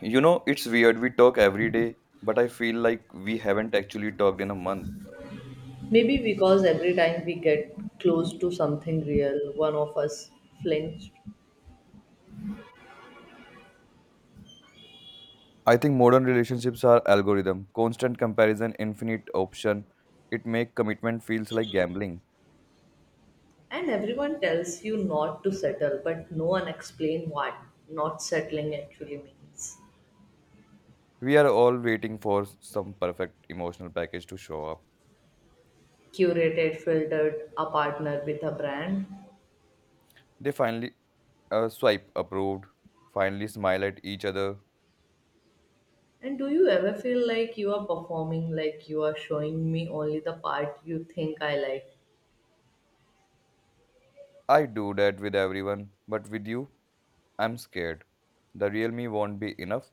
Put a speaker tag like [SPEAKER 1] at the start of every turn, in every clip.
[SPEAKER 1] You know, it's weird. We talk every day, but I feel like we haven't actually talked in a month.
[SPEAKER 2] Maybe because every time we get close to something real, one of us flinches,
[SPEAKER 1] I think modern relationships are algorithm, constant comparison, infinite option. It make commitment feels like gambling.
[SPEAKER 2] and everyone tells you not to settle, but no one explains what not settling actually means.
[SPEAKER 1] We are all waiting for some perfect emotional package to show up.
[SPEAKER 2] Curated, filtered, a partner with a brand.
[SPEAKER 1] They finally swipe approved, finally smile at each other.
[SPEAKER 2] And do you ever feel like you are performing, like you are showing me only the part you think I like?
[SPEAKER 1] I do that with everyone, but with you, I'm scared. The real me won't be enough.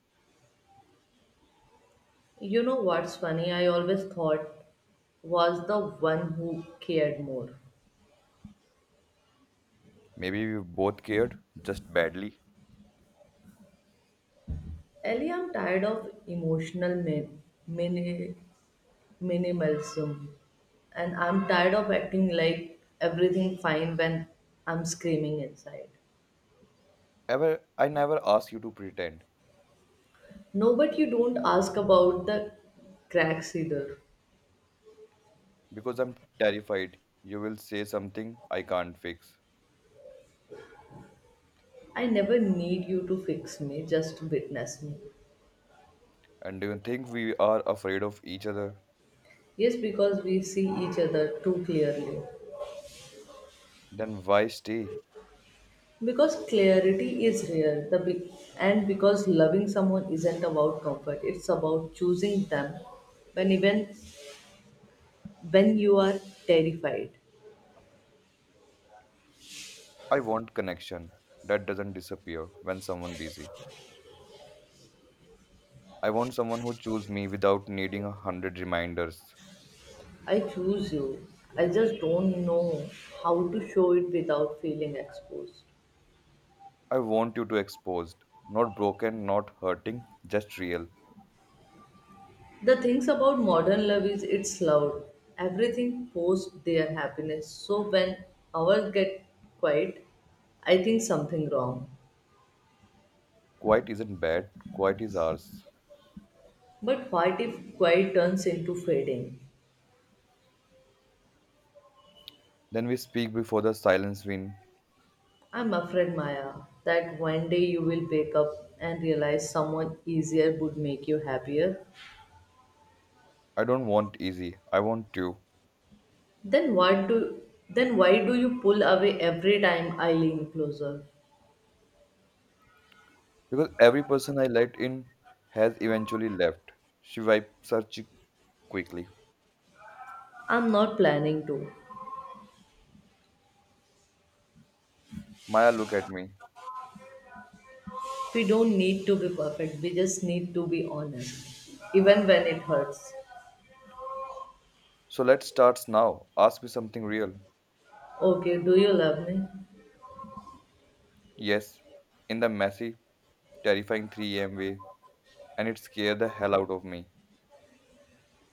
[SPEAKER 2] You know what's funny? I always thought was the one who cared more.
[SPEAKER 1] Maybe we both cared, just badly.
[SPEAKER 2] Ellie, I'm tired of emotional mini- minimalism, and I'm tired of acting like everything fine when I'm screaming inside.
[SPEAKER 1] Ever, I never ask you to pretend
[SPEAKER 2] No, but you don't ask about the cracks either.
[SPEAKER 1] because I'm terrified you will say something I can't fix.
[SPEAKER 2] I never need you to fix me, just witness me.
[SPEAKER 1] And do you think we are afraid of each other?
[SPEAKER 2] Yes, because we see each other too clearly.
[SPEAKER 1] Then why stay?
[SPEAKER 2] Because clarity is rare, the big, and because loving someone isn't about comfort, it's about choosing them when even when you are terrified,
[SPEAKER 1] I want connection that doesn't disappear when someone busy. I want someone who choose me without needing a hundred reminders.
[SPEAKER 2] I choose you. I just don't know how to show it without feeling exposed.
[SPEAKER 1] I want you to exposed, not broken, not hurting, just real.
[SPEAKER 2] The things about modern love is it's loud. Everything posts their happiness. So when ours get quiet, I think something wrong.
[SPEAKER 1] Quiet isn't bad, quiet is ours.
[SPEAKER 2] But what if quiet turns into fading?
[SPEAKER 1] Then we speak before the silence win.
[SPEAKER 2] I'm afraid, Maya, that one day you will wake up and realize someone easier would make you happier.
[SPEAKER 1] I don't want easy, I want you.
[SPEAKER 2] Then what do then why do you pull away every time I lean closer?
[SPEAKER 1] Because every person I let in has eventually left. She wipes her cheek quickly.
[SPEAKER 2] I'm not planning to.
[SPEAKER 1] Maya, look at me.
[SPEAKER 2] We don't need to be perfect. We just need to be honest, even when it hurts.
[SPEAKER 1] So let's start now. Ask me something real.
[SPEAKER 2] Okay, do you love me?
[SPEAKER 1] Yes, in the messy, terrifying 3 a.m. way, and it scared the hell out of me.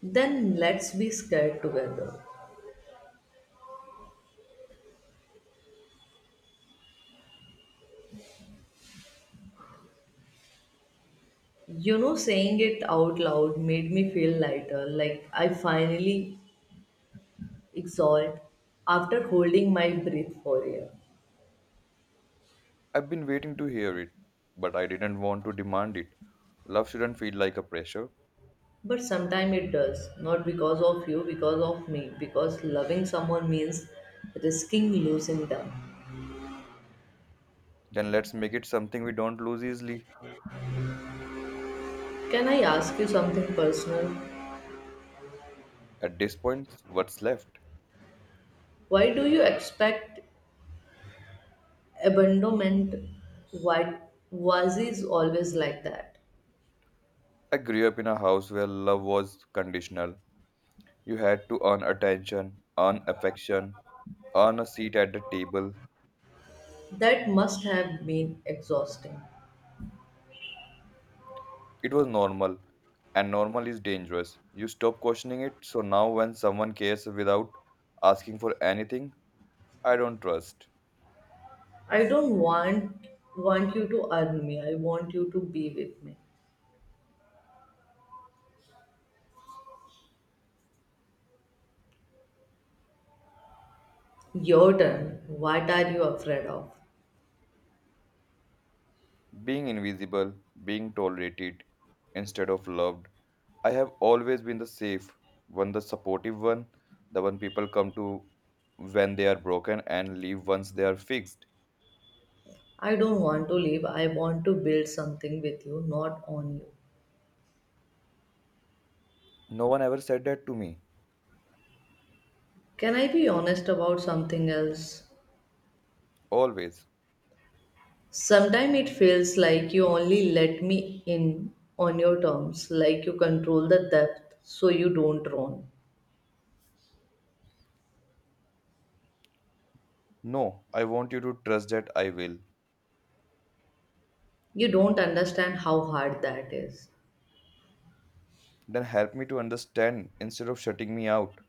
[SPEAKER 2] Then let's be scared together. You know, saying it out loud made me feel lighter, like I finally exhaled after holding my breath for years.
[SPEAKER 1] I've been waiting to hear it, but I didn't want to demand it. Love shouldn't feel like a pressure.
[SPEAKER 2] But sometimes it does, not because of you, because of me, because loving someone means risking losing them.
[SPEAKER 1] Then let's make it something we don't lose easily.
[SPEAKER 2] Can I ask you something personal?
[SPEAKER 1] At this point, what's left?
[SPEAKER 2] Why do you expect abandonment? Why was is always like that?
[SPEAKER 1] I grew up in a house where love was conditional. You had to earn attention, earn affection, earn a seat at the table.
[SPEAKER 2] That must have been exhausting.
[SPEAKER 1] It was normal, and normal is dangerous. You stop questioning it, so now when someone cares without asking for anything, I don't trust.
[SPEAKER 2] I don't want you to earn me. I want you to be with me. Your turn. What are you afraid of?
[SPEAKER 1] Being invisible, being tolerated instead of loved. I have always been the safe one, the supportive one, the one people come to when they are broken and leave once they are fixed.
[SPEAKER 2] I don't want to leave. I want to build something with you, not on you.
[SPEAKER 1] No one ever said that to me.
[SPEAKER 2] Can I be honest about something else?
[SPEAKER 1] Always.
[SPEAKER 2] Sometimes it feels like you only let me in on your terms, like you control the depth so you don't drown.
[SPEAKER 1] No, I want you to trust that I will.
[SPEAKER 2] You don't understand how hard that is.
[SPEAKER 1] Then help me to understand instead of shutting me out.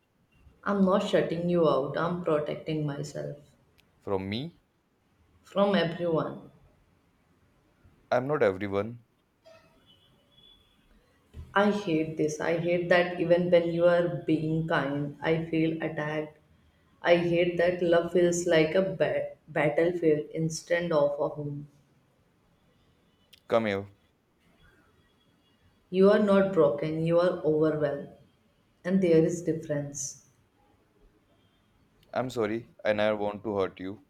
[SPEAKER 2] I'm not shutting you out, I'm protecting myself
[SPEAKER 1] From me,
[SPEAKER 2] from everyone.
[SPEAKER 1] I'm not everyone.
[SPEAKER 2] I hate this. I hate that even when you are being kind, I feel attacked. I hate that love feels like a battlefield instead of a home.
[SPEAKER 1] Come here.
[SPEAKER 2] You are not broken, you are overwhelmed. And there is difference.
[SPEAKER 1] I'm sorry, I never want to hurt you.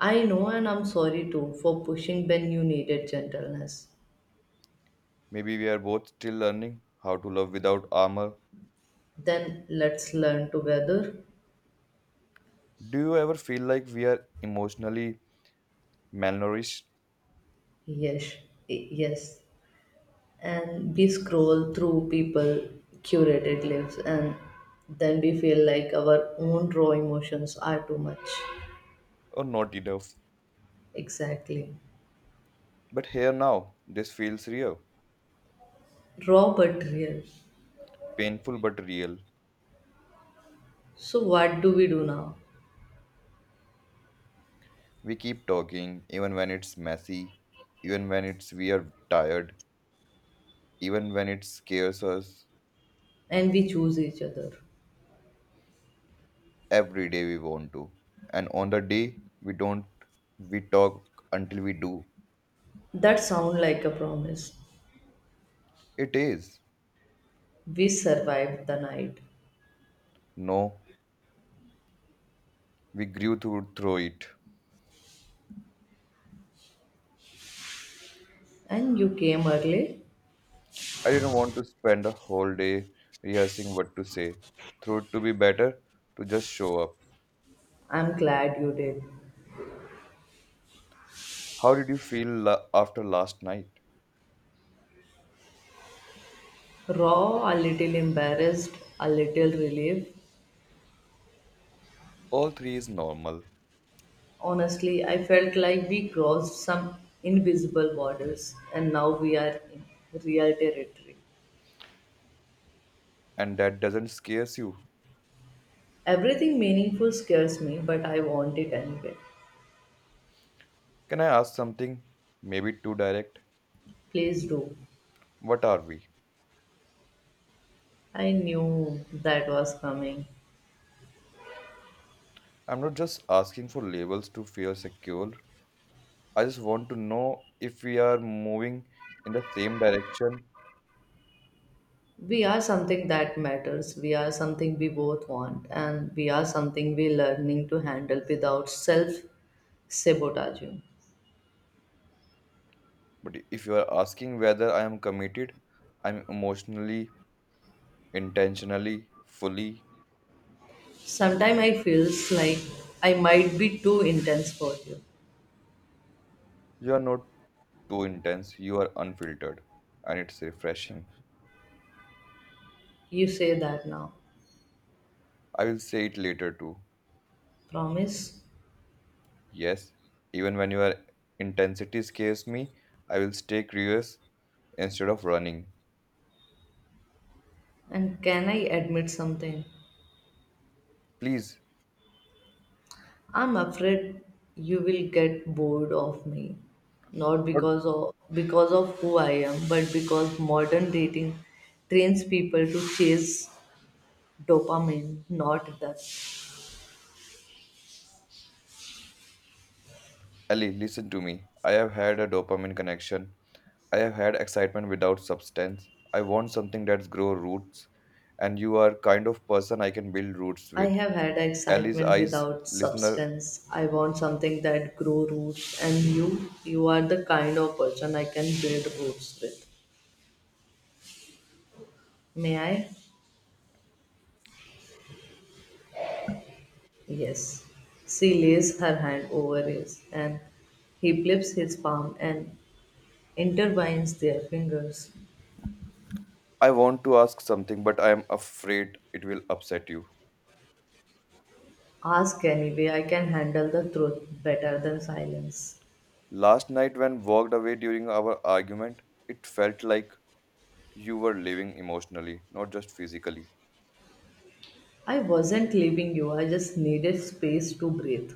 [SPEAKER 2] I know and I'm sorry too for pushing when you needed gentleness.
[SPEAKER 1] Maybe we are both still learning how to love without armor.
[SPEAKER 2] Then let's learn together.
[SPEAKER 1] Do you ever feel like we are emotionally malnourished
[SPEAKER 2] Yes. Yes. And we scroll through people curated lives and then we feel like our own raw emotions are too much.
[SPEAKER 1] or not enough?
[SPEAKER 2] Exactly.
[SPEAKER 1] But here now, this feels real.
[SPEAKER 2] Raw but real.
[SPEAKER 1] Painful but real.
[SPEAKER 2] So what do we do now?
[SPEAKER 1] We keep talking, even when it's messy, even when it's we are tired, even when it scares us
[SPEAKER 2] And we choose each other.
[SPEAKER 1] every day we want to. And on the day we don't, we talk until we do.
[SPEAKER 2] That sound like a promise.
[SPEAKER 1] It is.
[SPEAKER 2] We survived the night.
[SPEAKER 1] No, we grew through it.
[SPEAKER 2] And you came early?
[SPEAKER 1] I didn't want to spend a whole day rehearsing what to say. Through it to be better, to just show up.
[SPEAKER 2] I'm glad you did.
[SPEAKER 1] How did you feel after last night?
[SPEAKER 2] Raw, a little embarrassed, a little relieved.
[SPEAKER 1] All three is normal,
[SPEAKER 2] Honestly, I felt like we crossed some invisible borders and now we are in real territory.
[SPEAKER 1] and that doesn't scares you.
[SPEAKER 2] Everything meaningful scares me, but I want it anyway.
[SPEAKER 1] Can I ask something? Maybe too direct.
[SPEAKER 2] Please do.
[SPEAKER 1] What are we?
[SPEAKER 2] I knew that was coming.
[SPEAKER 1] I'm not just asking for labels to feel secure. I just want to know if we are moving in the same direction.
[SPEAKER 2] We are something that matters. We are something we both want, and we are something we learning to handle without self sabotaging.
[SPEAKER 1] But if you are asking whether I am committed, I'm emotionally, intentionally, fully.
[SPEAKER 2] Sometimes I feels like I might be too intense for you.
[SPEAKER 1] You are not too intense, you are unfiltered, and it's refreshing.
[SPEAKER 2] You say that now.
[SPEAKER 1] I will say it later too.
[SPEAKER 2] Promise.
[SPEAKER 1] Yes, even when your intensity scares me, I will stay curious instead of running.
[SPEAKER 2] And can I admit something?
[SPEAKER 1] Please,
[SPEAKER 2] I'm afraid you will get bored of me, not
[SPEAKER 1] not
[SPEAKER 2] because of who I am but because modern dating trains people to chase dopamine, not that.
[SPEAKER 1] Ellie, listen to me. I have had a dopamine connection I have had excitement without substance. I want something that's grow roots, and you are kind of person I can build roots
[SPEAKER 2] I
[SPEAKER 1] with.
[SPEAKER 2] have had
[SPEAKER 1] Ellie's
[SPEAKER 2] excitement
[SPEAKER 1] eyes,
[SPEAKER 2] without
[SPEAKER 1] listener.
[SPEAKER 2] substance. I want something that grow roots and you are the kind of person I can build roots with. May I? Yes. She lays her hand over his and he flips his palm and intertwines their fingers.
[SPEAKER 1] I want to ask something, but I am afraid it will upset you.
[SPEAKER 2] Ask anyway, I can handle the truth better than silence.
[SPEAKER 1] Last night when walked away during our argument, it felt like you were living emotionally, not just physically.
[SPEAKER 2] I wasn't leaving you, I just needed space to breathe.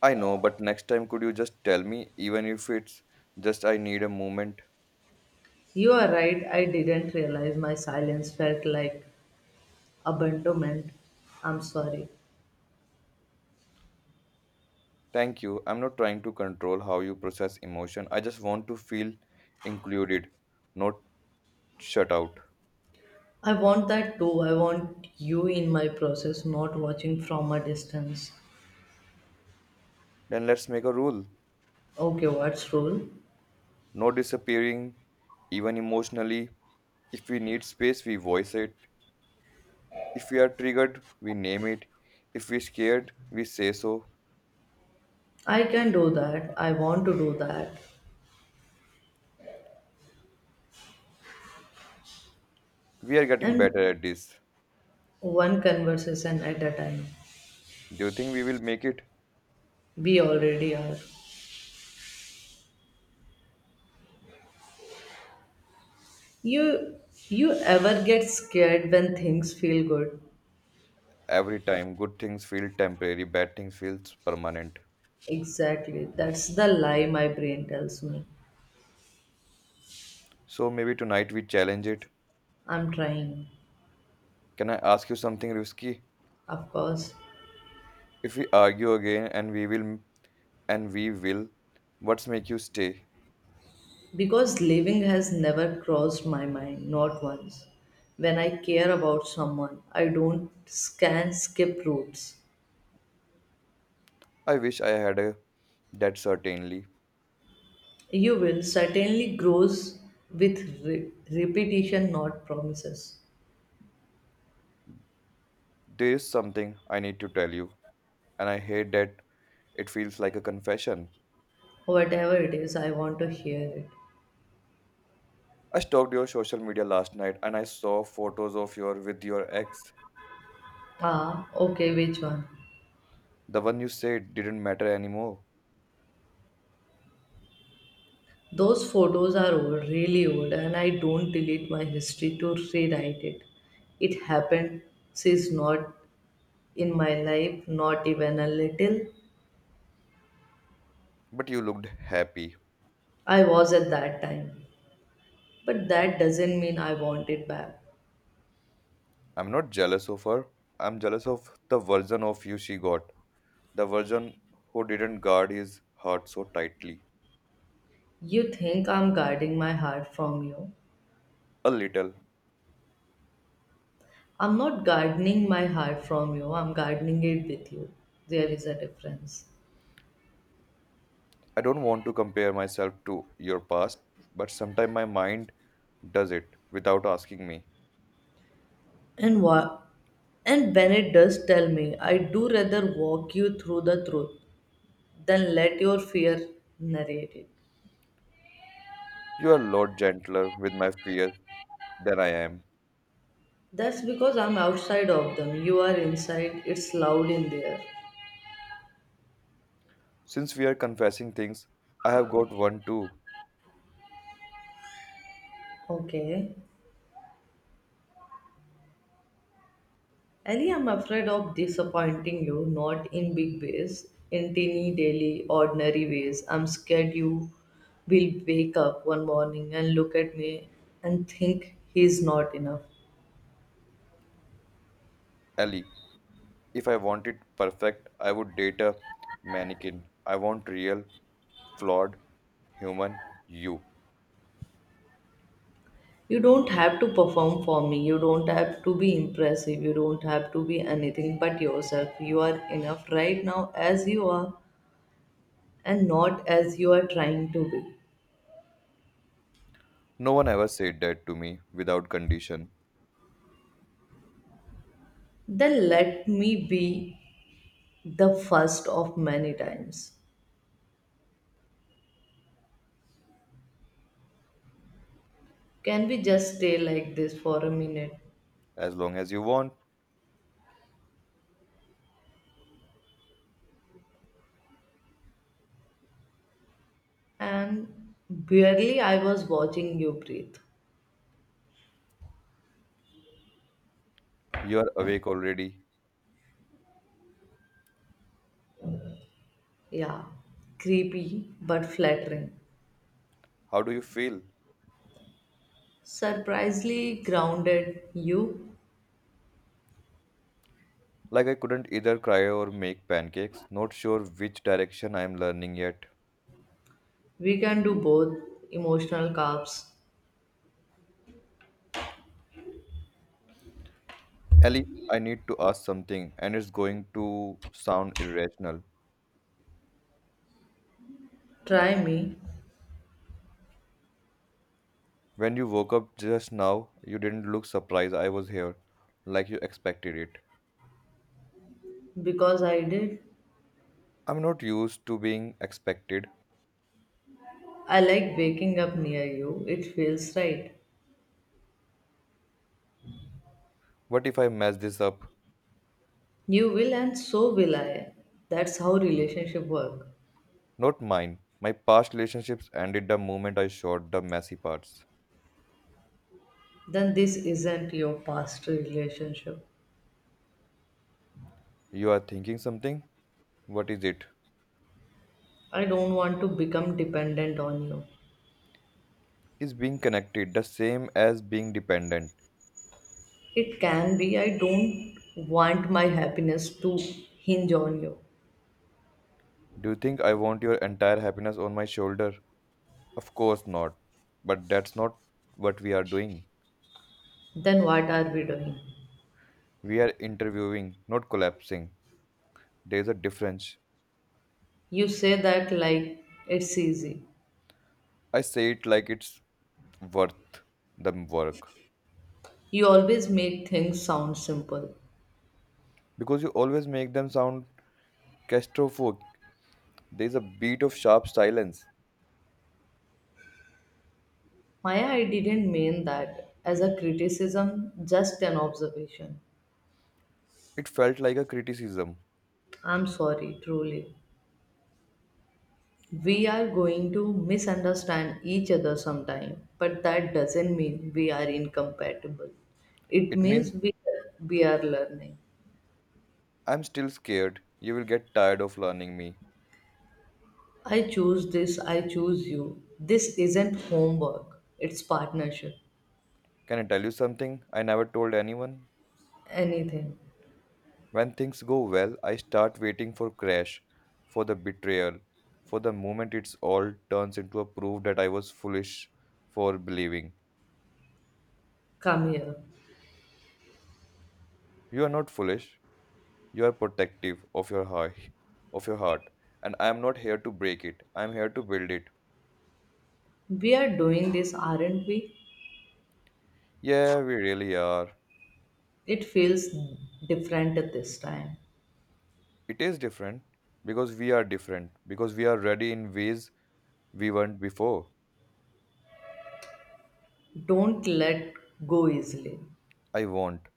[SPEAKER 1] I know, but next time could you just tell me, even if it's just I need a moment.
[SPEAKER 2] You are right, I didn't realize my silence felt like abandonment. I'm sorry.
[SPEAKER 1] Thank you. I'm not trying to control how you process emotion. I just want to feel included, not shut out.
[SPEAKER 2] I want that too. I want you in my process, not watching from a distance.
[SPEAKER 1] Then let's make a rule.
[SPEAKER 2] Okay, what's rule?
[SPEAKER 1] No disappearing, even emotionally. If we need space, we voice it. If we are triggered, we name it. If we're scared, we say so.
[SPEAKER 2] I can do that. I want to do that.
[SPEAKER 1] We are getting
[SPEAKER 2] And
[SPEAKER 1] better at this.
[SPEAKER 2] one conversation at a time.
[SPEAKER 1] Do you think we will make it?
[SPEAKER 2] We already are. You you ever get scared when things feel good?
[SPEAKER 1] Every time, good things feel temporary, bad things feel permanent.
[SPEAKER 2] Exactly. That's the lie my brain tells me.
[SPEAKER 1] So maybe tonight we challenge it.
[SPEAKER 2] I'm trying.
[SPEAKER 1] Can I ask you something risky?
[SPEAKER 2] Of course.
[SPEAKER 1] If we argue again and we will, what's make you stay?
[SPEAKER 2] Because leaving has never crossed my mind, not once. When I care about someone, I don't scan skip routes.
[SPEAKER 1] I wish I had a that certainly.
[SPEAKER 2] You will certainly grows with repetition, not promises.
[SPEAKER 1] There is something I need to tell you, and I hate that it feels like a confession.
[SPEAKER 2] Whatever it is, I want to hear it.
[SPEAKER 1] I stalked your social media last night and I saw photos of your with your ex.
[SPEAKER 2] Ah, okay, which one?
[SPEAKER 1] The one you said didn't matter anymore,
[SPEAKER 2] Those photos are old, really old, and I don't delete my history to rewrite it. It happened, she's not in my life, not even a little.
[SPEAKER 1] but you looked happy.
[SPEAKER 2] I was at that time. But that doesn't mean I want it back.
[SPEAKER 1] I'm not jealous of her. I'm jealous of the version of you she got. The version who didn't guard his heart so tightly.
[SPEAKER 2] You think I'm guarding my heart from you.
[SPEAKER 1] A little,
[SPEAKER 2] I'm not gardening my heart from you. I'm gardening it with you. There is a difference.
[SPEAKER 1] I don't want to compare myself to your past, but sometimes my mind does it without asking me.
[SPEAKER 2] And what? And Bennett does tell me, I do rather walk you through the truth than let your fear narrate it.
[SPEAKER 1] You are a lot gentler with my fears than I am.
[SPEAKER 2] That's because I'm outside of them. You are inside. It's loud in there.
[SPEAKER 1] Since we are confessing things, I have got one too,
[SPEAKER 2] Okay. Ellie, I'm afraid of disappointing you, not in big ways, in teeny, daily, ordinary ways. I'm scared you will wake up one morning and look at me and think he's not enough.
[SPEAKER 1] Ellie. If I want it perfect, I would date a mannequin. I want real, flawed, human you.
[SPEAKER 2] You don't have to perform for me, you don't have to be impressive, you don't have to be anything but yourself. You are enough right now as you are and not as you are trying to be.
[SPEAKER 1] No one ever said that to me without condition.
[SPEAKER 2] Then let me be the first of many times. Can we just stay like this for a minute?
[SPEAKER 1] As long as you want,
[SPEAKER 2] And barely I was watching you breathe.
[SPEAKER 1] you are awake already.
[SPEAKER 2] Yeah, creepy but flattering.
[SPEAKER 1] How do you feel?
[SPEAKER 2] Surprisingly grounded you.
[SPEAKER 1] Like I couldn't either cry or make pancakes, not sure which direction I am learning yet.
[SPEAKER 2] We can do both emotional carbs.
[SPEAKER 1] Ellie, I need to ask something, and it's going to sound irrational.
[SPEAKER 2] Try me
[SPEAKER 1] When you woke up just now, you didn't look surprised I was here, like you expected it.
[SPEAKER 2] because I did.
[SPEAKER 1] I'm not used to being expected.
[SPEAKER 2] I like waking up near you. It feels right.
[SPEAKER 1] What if I mess this up?
[SPEAKER 2] You will and so will I. That's how relationship work.
[SPEAKER 1] Not mine. My past relationships ended the moment I showed the messy parts.
[SPEAKER 2] Then this isn't your past relationship.
[SPEAKER 1] You are thinking something? What is it?
[SPEAKER 2] I don't want to become dependent on you.
[SPEAKER 1] Is being connected the same as being dependent?
[SPEAKER 2] It can be, I don't want my happiness to hinge on you.
[SPEAKER 1] Do you think I want your entire happiness on my shoulder? Of course not. But that's not what we are doing.
[SPEAKER 2] Then what are we doing?
[SPEAKER 1] We are interviewing, not collapsing. There's a difference.
[SPEAKER 2] You say that like it's easy.
[SPEAKER 1] I say it like it's worth the work.
[SPEAKER 2] You always make things sound simple.
[SPEAKER 1] Because you always make them sound claustrophobic. There's a beat of sharp silence.
[SPEAKER 2] Maya, I didn't mean that as a criticism, just an observation.
[SPEAKER 1] It felt like a criticism.
[SPEAKER 2] I'm sorry, truly. We are going to misunderstand each other sometime, but that doesn't mean we are incompatible. It
[SPEAKER 1] It means
[SPEAKER 2] means we are learning.
[SPEAKER 1] I'm still scared. You will get tired of learning me.
[SPEAKER 2] I choose this, I choose you. This isn't homework, it's partnership.
[SPEAKER 1] Can I tell you something I never told anyone?
[SPEAKER 2] Anything.
[SPEAKER 1] When things go well, I start waiting for crash, for the betrayal, for the moment it's all turns into a proof that I was foolish for believing.
[SPEAKER 2] Come here.
[SPEAKER 1] You are not foolish. You are protective of your heart, of your heart, and I am not here to break it. I am here to build it.
[SPEAKER 2] We are doing this, aren't we?
[SPEAKER 1] Yeah, we really are.
[SPEAKER 2] It feels different at this time.
[SPEAKER 1] It is different because we are different because we are ready in ways we weren't before.
[SPEAKER 2] Don't let go easily.
[SPEAKER 1] I won't.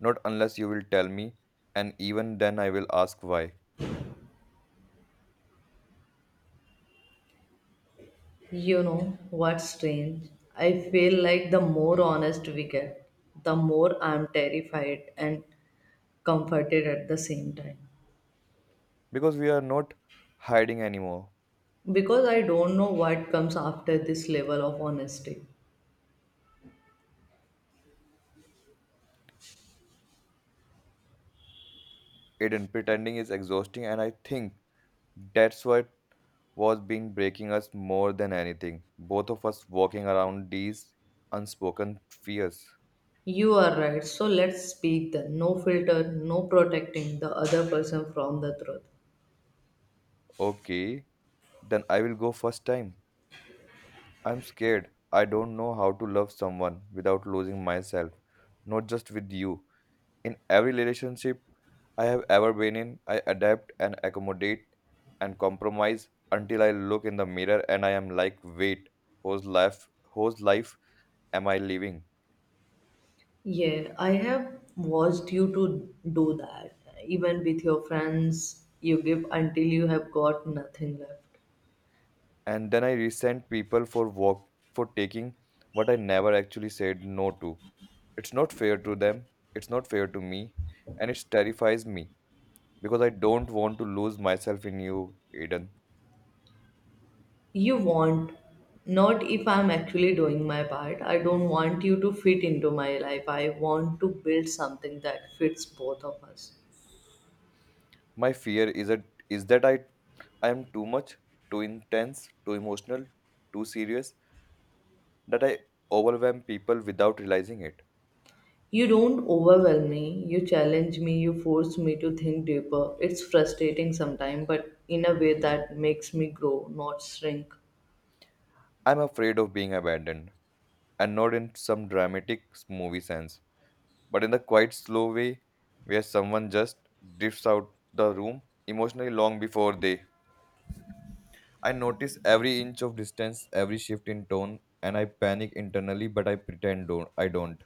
[SPEAKER 1] Not unless you will tell me, and even then I will ask why.
[SPEAKER 2] You know what's strange? I feel like the more honest we get, the more I'm terrified and comforted at the same time.
[SPEAKER 1] Because we are not hiding anymore.
[SPEAKER 2] Because I don't know what comes after this level of honesty.
[SPEAKER 1] It and pretending is exhausting, and I think that's what was been breaking us more than anything. Both of us walking around these unspoken fears.
[SPEAKER 2] You are right, so let's speak then. No filter, no protecting the other person from the truth.
[SPEAKER 1] Okay, then I will go first time. I'm scared. I don't know how to love someone without losing myself, not just with you. In every relationship I have ever been in, I adapt and accommodate and compromise until I look in the mirror and I am like, wait, whose life whose life am I living?
[SPEAKER 2] Yeah, I have watched you to do that. Even with your friends, you give until you have got nothing left.
[SPEAKER 1] And then I resent people for walk for taking what I never actually said no to. It's not fair to them, it's not fair to me, and it terrifies me because I don't want to lose myself in you, Eden.
[SPEAKER 2] You want, not if I'm actually doing my part. I don't want you to fit into my life. I want to build something that fits both of us.
[SPEAKER 1] My fear is that I am too much, too intense, too emotional, too serious, that I overwhelm people without realizing it.
[SPEAKER 2] You don't overwhelm me, you challenge me, you force me to think deeper. It's frustrating sometimes, but in a way that makes me grow, not shrink.
[SPEAKER 1] I'm afraid of being abandoned, and not in some dramatic movie sense, but in the quite slow way where someone just drifts out the room emotionally long before they. I notice every inch of distance, every shift in tone, and I panic internally, but I pretend don't. I don't.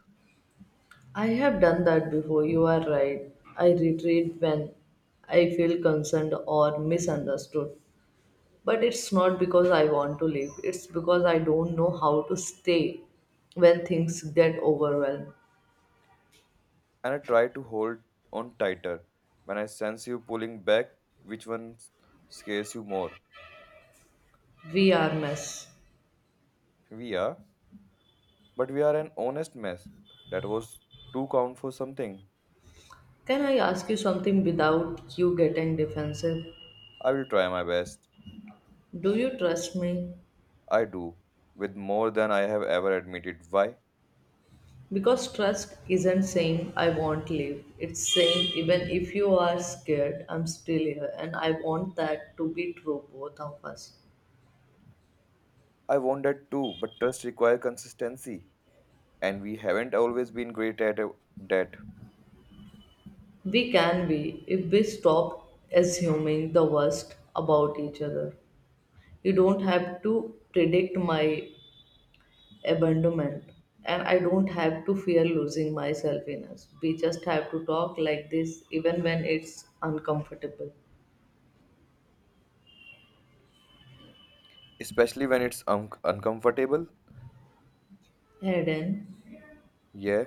[SPEAKER 2] I have done that before, you are right. I retreat when I feel concerned or misunderstood. But it's not because I want to leave, it's because I don't know how to stay when things get overwhelmed.
[SPEAKER 1] And I try to hold on tighter. When I sense you pulling back, which one scares you more?
[SPEAKER 2] We are mess.
[SPEAKER 1] We are, but we are an honest mess. That was too count for something.
[SPEAKER 2] Can I ask you something without you getting defensive?
[SPEAKER 1] I will try my best.
[SPEAKER 2] Do you trust me?
[SPEAKER 1] I do, with more than I have ever admitted. Why?
[SPEAKER 2] Because trust isn't saying I won't leave. It's saying even if you are scared, I'm still here and I want that to be true both of us.
[SPEAKER 1] I want that too, but trust requires consistency, and we haven't always been great at that,
[SPEAKER 2] We can be if we stop assuming the worst about each other. You don't have to predict my abandonment, and I don't have to fear losing myself in us. We just have to talk like this even when it's uncomfortable.
[SPEAKER 1] especially when it's uncomfortable.
[SPEAKER 2] Hayden,
[SPEAKER 1] Yeah,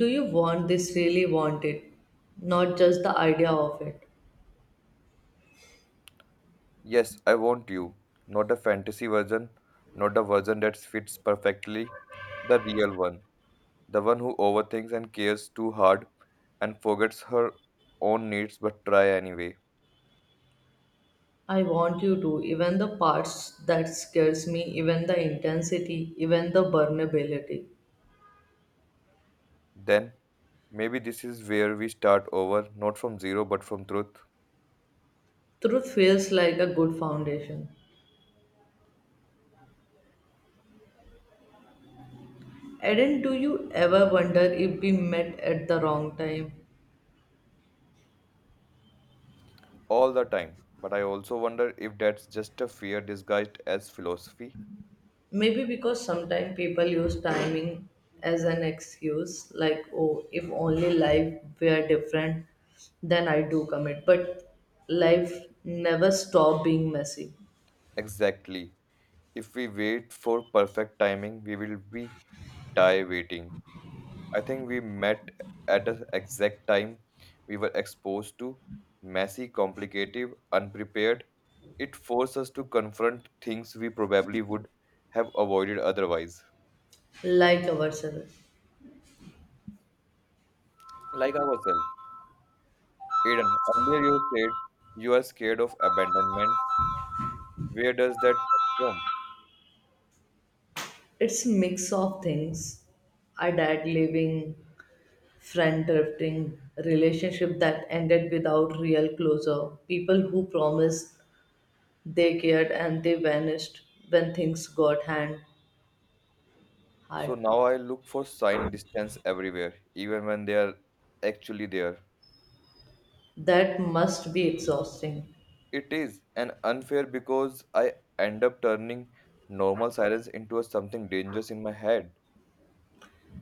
[SPEAKER 2] do you want this really want it? Not just the idea of it.
[SPEAKER 1] yes, I want you. Not a fantasy version, not a version that fits perfectly, the real one. The one who overthinks and cares too hard and forgets her own needs but try anyway.
[SPEAKER 2] I want you to, even the parts that scares me, even the intensity, even the vulnerability.
[SPEAKER 1] Then, maybe this is where we start over, not from zero but from truth.
[SPEAKER 2] Truth feels like a good foundation. Eden, do you ever wonder if we met at the wrong time?
[SPEAKER 1] All the time. But I also wonder if that's just a fear disguised as philosophy.
[SPEAKER 2] Maybe because sometimes people use timing as an excuse, like, oh, if only life were different, then I do commit. But life never stop being messy,
[SPEAKER 1] Exactly. If we wait for perfect timing, we will be die waiting. I think we met at the exact time we were exposed to messy, complicated, unprepared. It forced us to confront things we probably would have avoided otherwise.
[SPEAKER 2] like ourselves.
[SPEAKER 1] Like ourselves. Aiden, earlier you said you are scared of abandonment. Where does that come from?
[SPEAKER 2] It's a mix of things. A dad leaving, friend drifting, relationship that ended without real closure, people who promised they cared and they vanished when things got hand
[SPEAKER 1] So
[SPEAKER 2] hard.
[SPEAKER 1] now I look for sign distance everywhere, even when they are actually there.
[SPEAKER 2] That must be exhausting.
[SPEAKER 1] It is an unfair because I end up turning normal silence into a something dangerous in my head.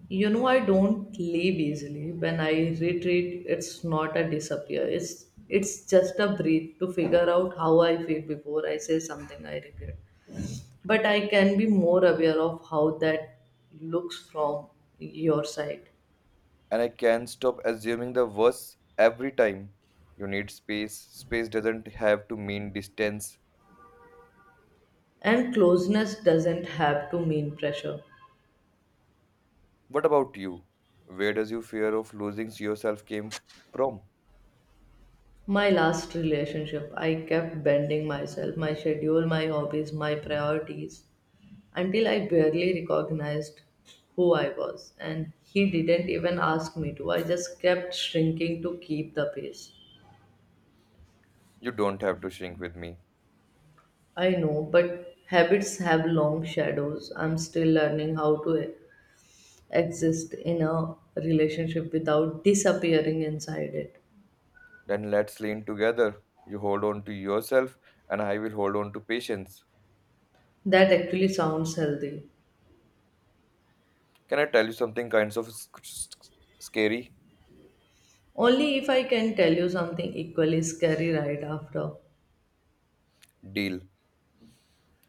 [SPEAKER 2] You know, I don't leave easily. When I retreat, it's not a disappear. It's just a breathe to figure out how I feel before I say something I regret. But I can be more aware of how that looks from your side.
[SPEAKER 1] And I can't stop assuming the worst every time. You need space. Space doesn't have to mean distance.
[SPEAKER 2] And closeness doesn't have to mean pressure.
[SPEAKER 1] What about you? Where does your fear of losing yourself came from?
[SPEAKER 2] My last relationship, I kept bending myself, my schedule, my hobbies, my priorities, until I barely recognized who I was. And he didn't even ask me to. I just kept shrinking to keep the pace.
[SPEAKER 1] You don't have to shrink with me.
[SPEAKER 2] I know, but habits have long shadows. I'm still learning how to exist in a relationship without disappearing inside it.
[SPEAKER 1] Then let's lean together. You hold on to yourself and I will hold on to patience.
[SPEAKER 2] That actually sounds healthy.
[SPEAKER 1] Can I tell you something kind of scary?
[SPEAKER 2] Only if I can tell you something equally scary right after.
[SPEAKER 1] Deal.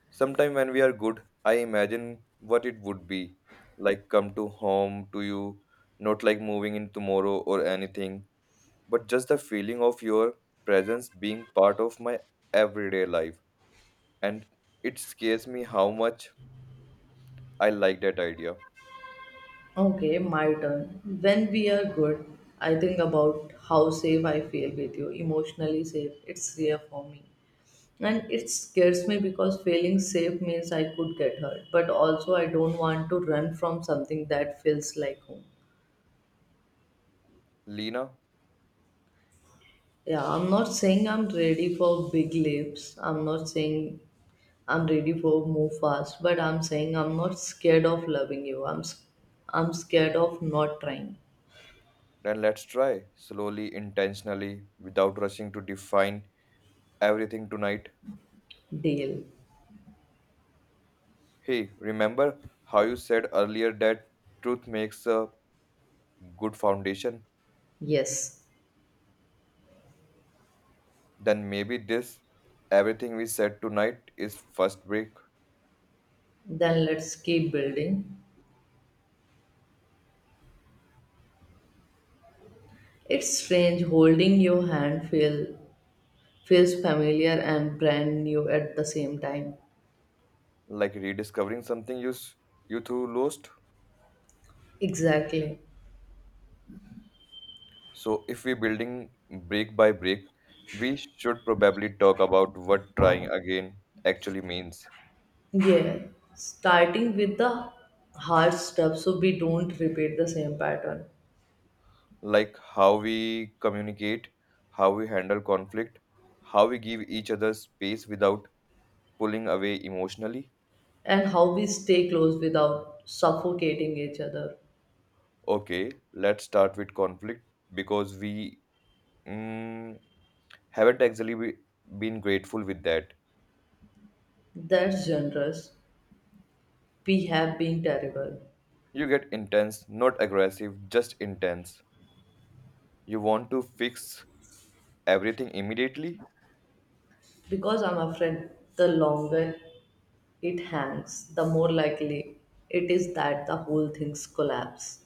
[SPEAKER 1] Sometime when we are good, I imagine what it would be like come to home to you, not like moving in tomorrow or anything, but just the feeling of your presence being part of my everyday life. And it scares me how much I like that idea.
[SPEAKER 2] Okay, my turn. When we are good, I think about how safe I feel with you, emotionally safe. It's rare for me. And it scares me because feeling safe means I could get hurt, but also I don't want to run from something that feels like home.
[SPEAKER 1] Lena,
[SPEAKER 2] Yeah, I'm not saying I'm ready for big leaps. I'm not saying I'm ready for move fast, but I'm saying I'm not scared of loving you. I'm scared of not trying.
[SPEAKER 1] then let's try slowly, intentionally, without rushing to define everything tonight.
[SPEAKER 2] Deal.
[SPEAKER 1] Hey, remember how you said earlier that truth makes a good foundation?
[SPEAKER 2] Yes.
[SPEAKER 1] Then maybe this everything we said tonight is first break,
[SPEAKER 2] Then let's keep building. It's strange holding your hand feels familiar and brand new at the same time.
[SPEAKER 1] like rediscovering something you two lost.
[SPEAKER 2] Exactly.
[SPEAKER 1] So if we're building break by break, we should probably talk about what trying again actually means,
[SPEAKER 2] Yeah. Starting with the hard stuff so we don't repeat the same pattern.
[SPEAKER 1] like how we communicate, how we handle conflict, how we give each other space without pulling away emotionally.
[SPEAKER 2] And how we stay close without suffocating each other.
[SPEAKER 1] Okay, let's start with conflict because we mm, haven't actually been grateful with that.
[SPEAKER 2] That's generous. We have been terrible.
[SPEAKER 1] You get intense, not aggressive, just intense. You want to fix everything immediately.
[SPEAKER 2] Because I'm afraid the longer it hangs, the more likely it is that the whole thing's collapse.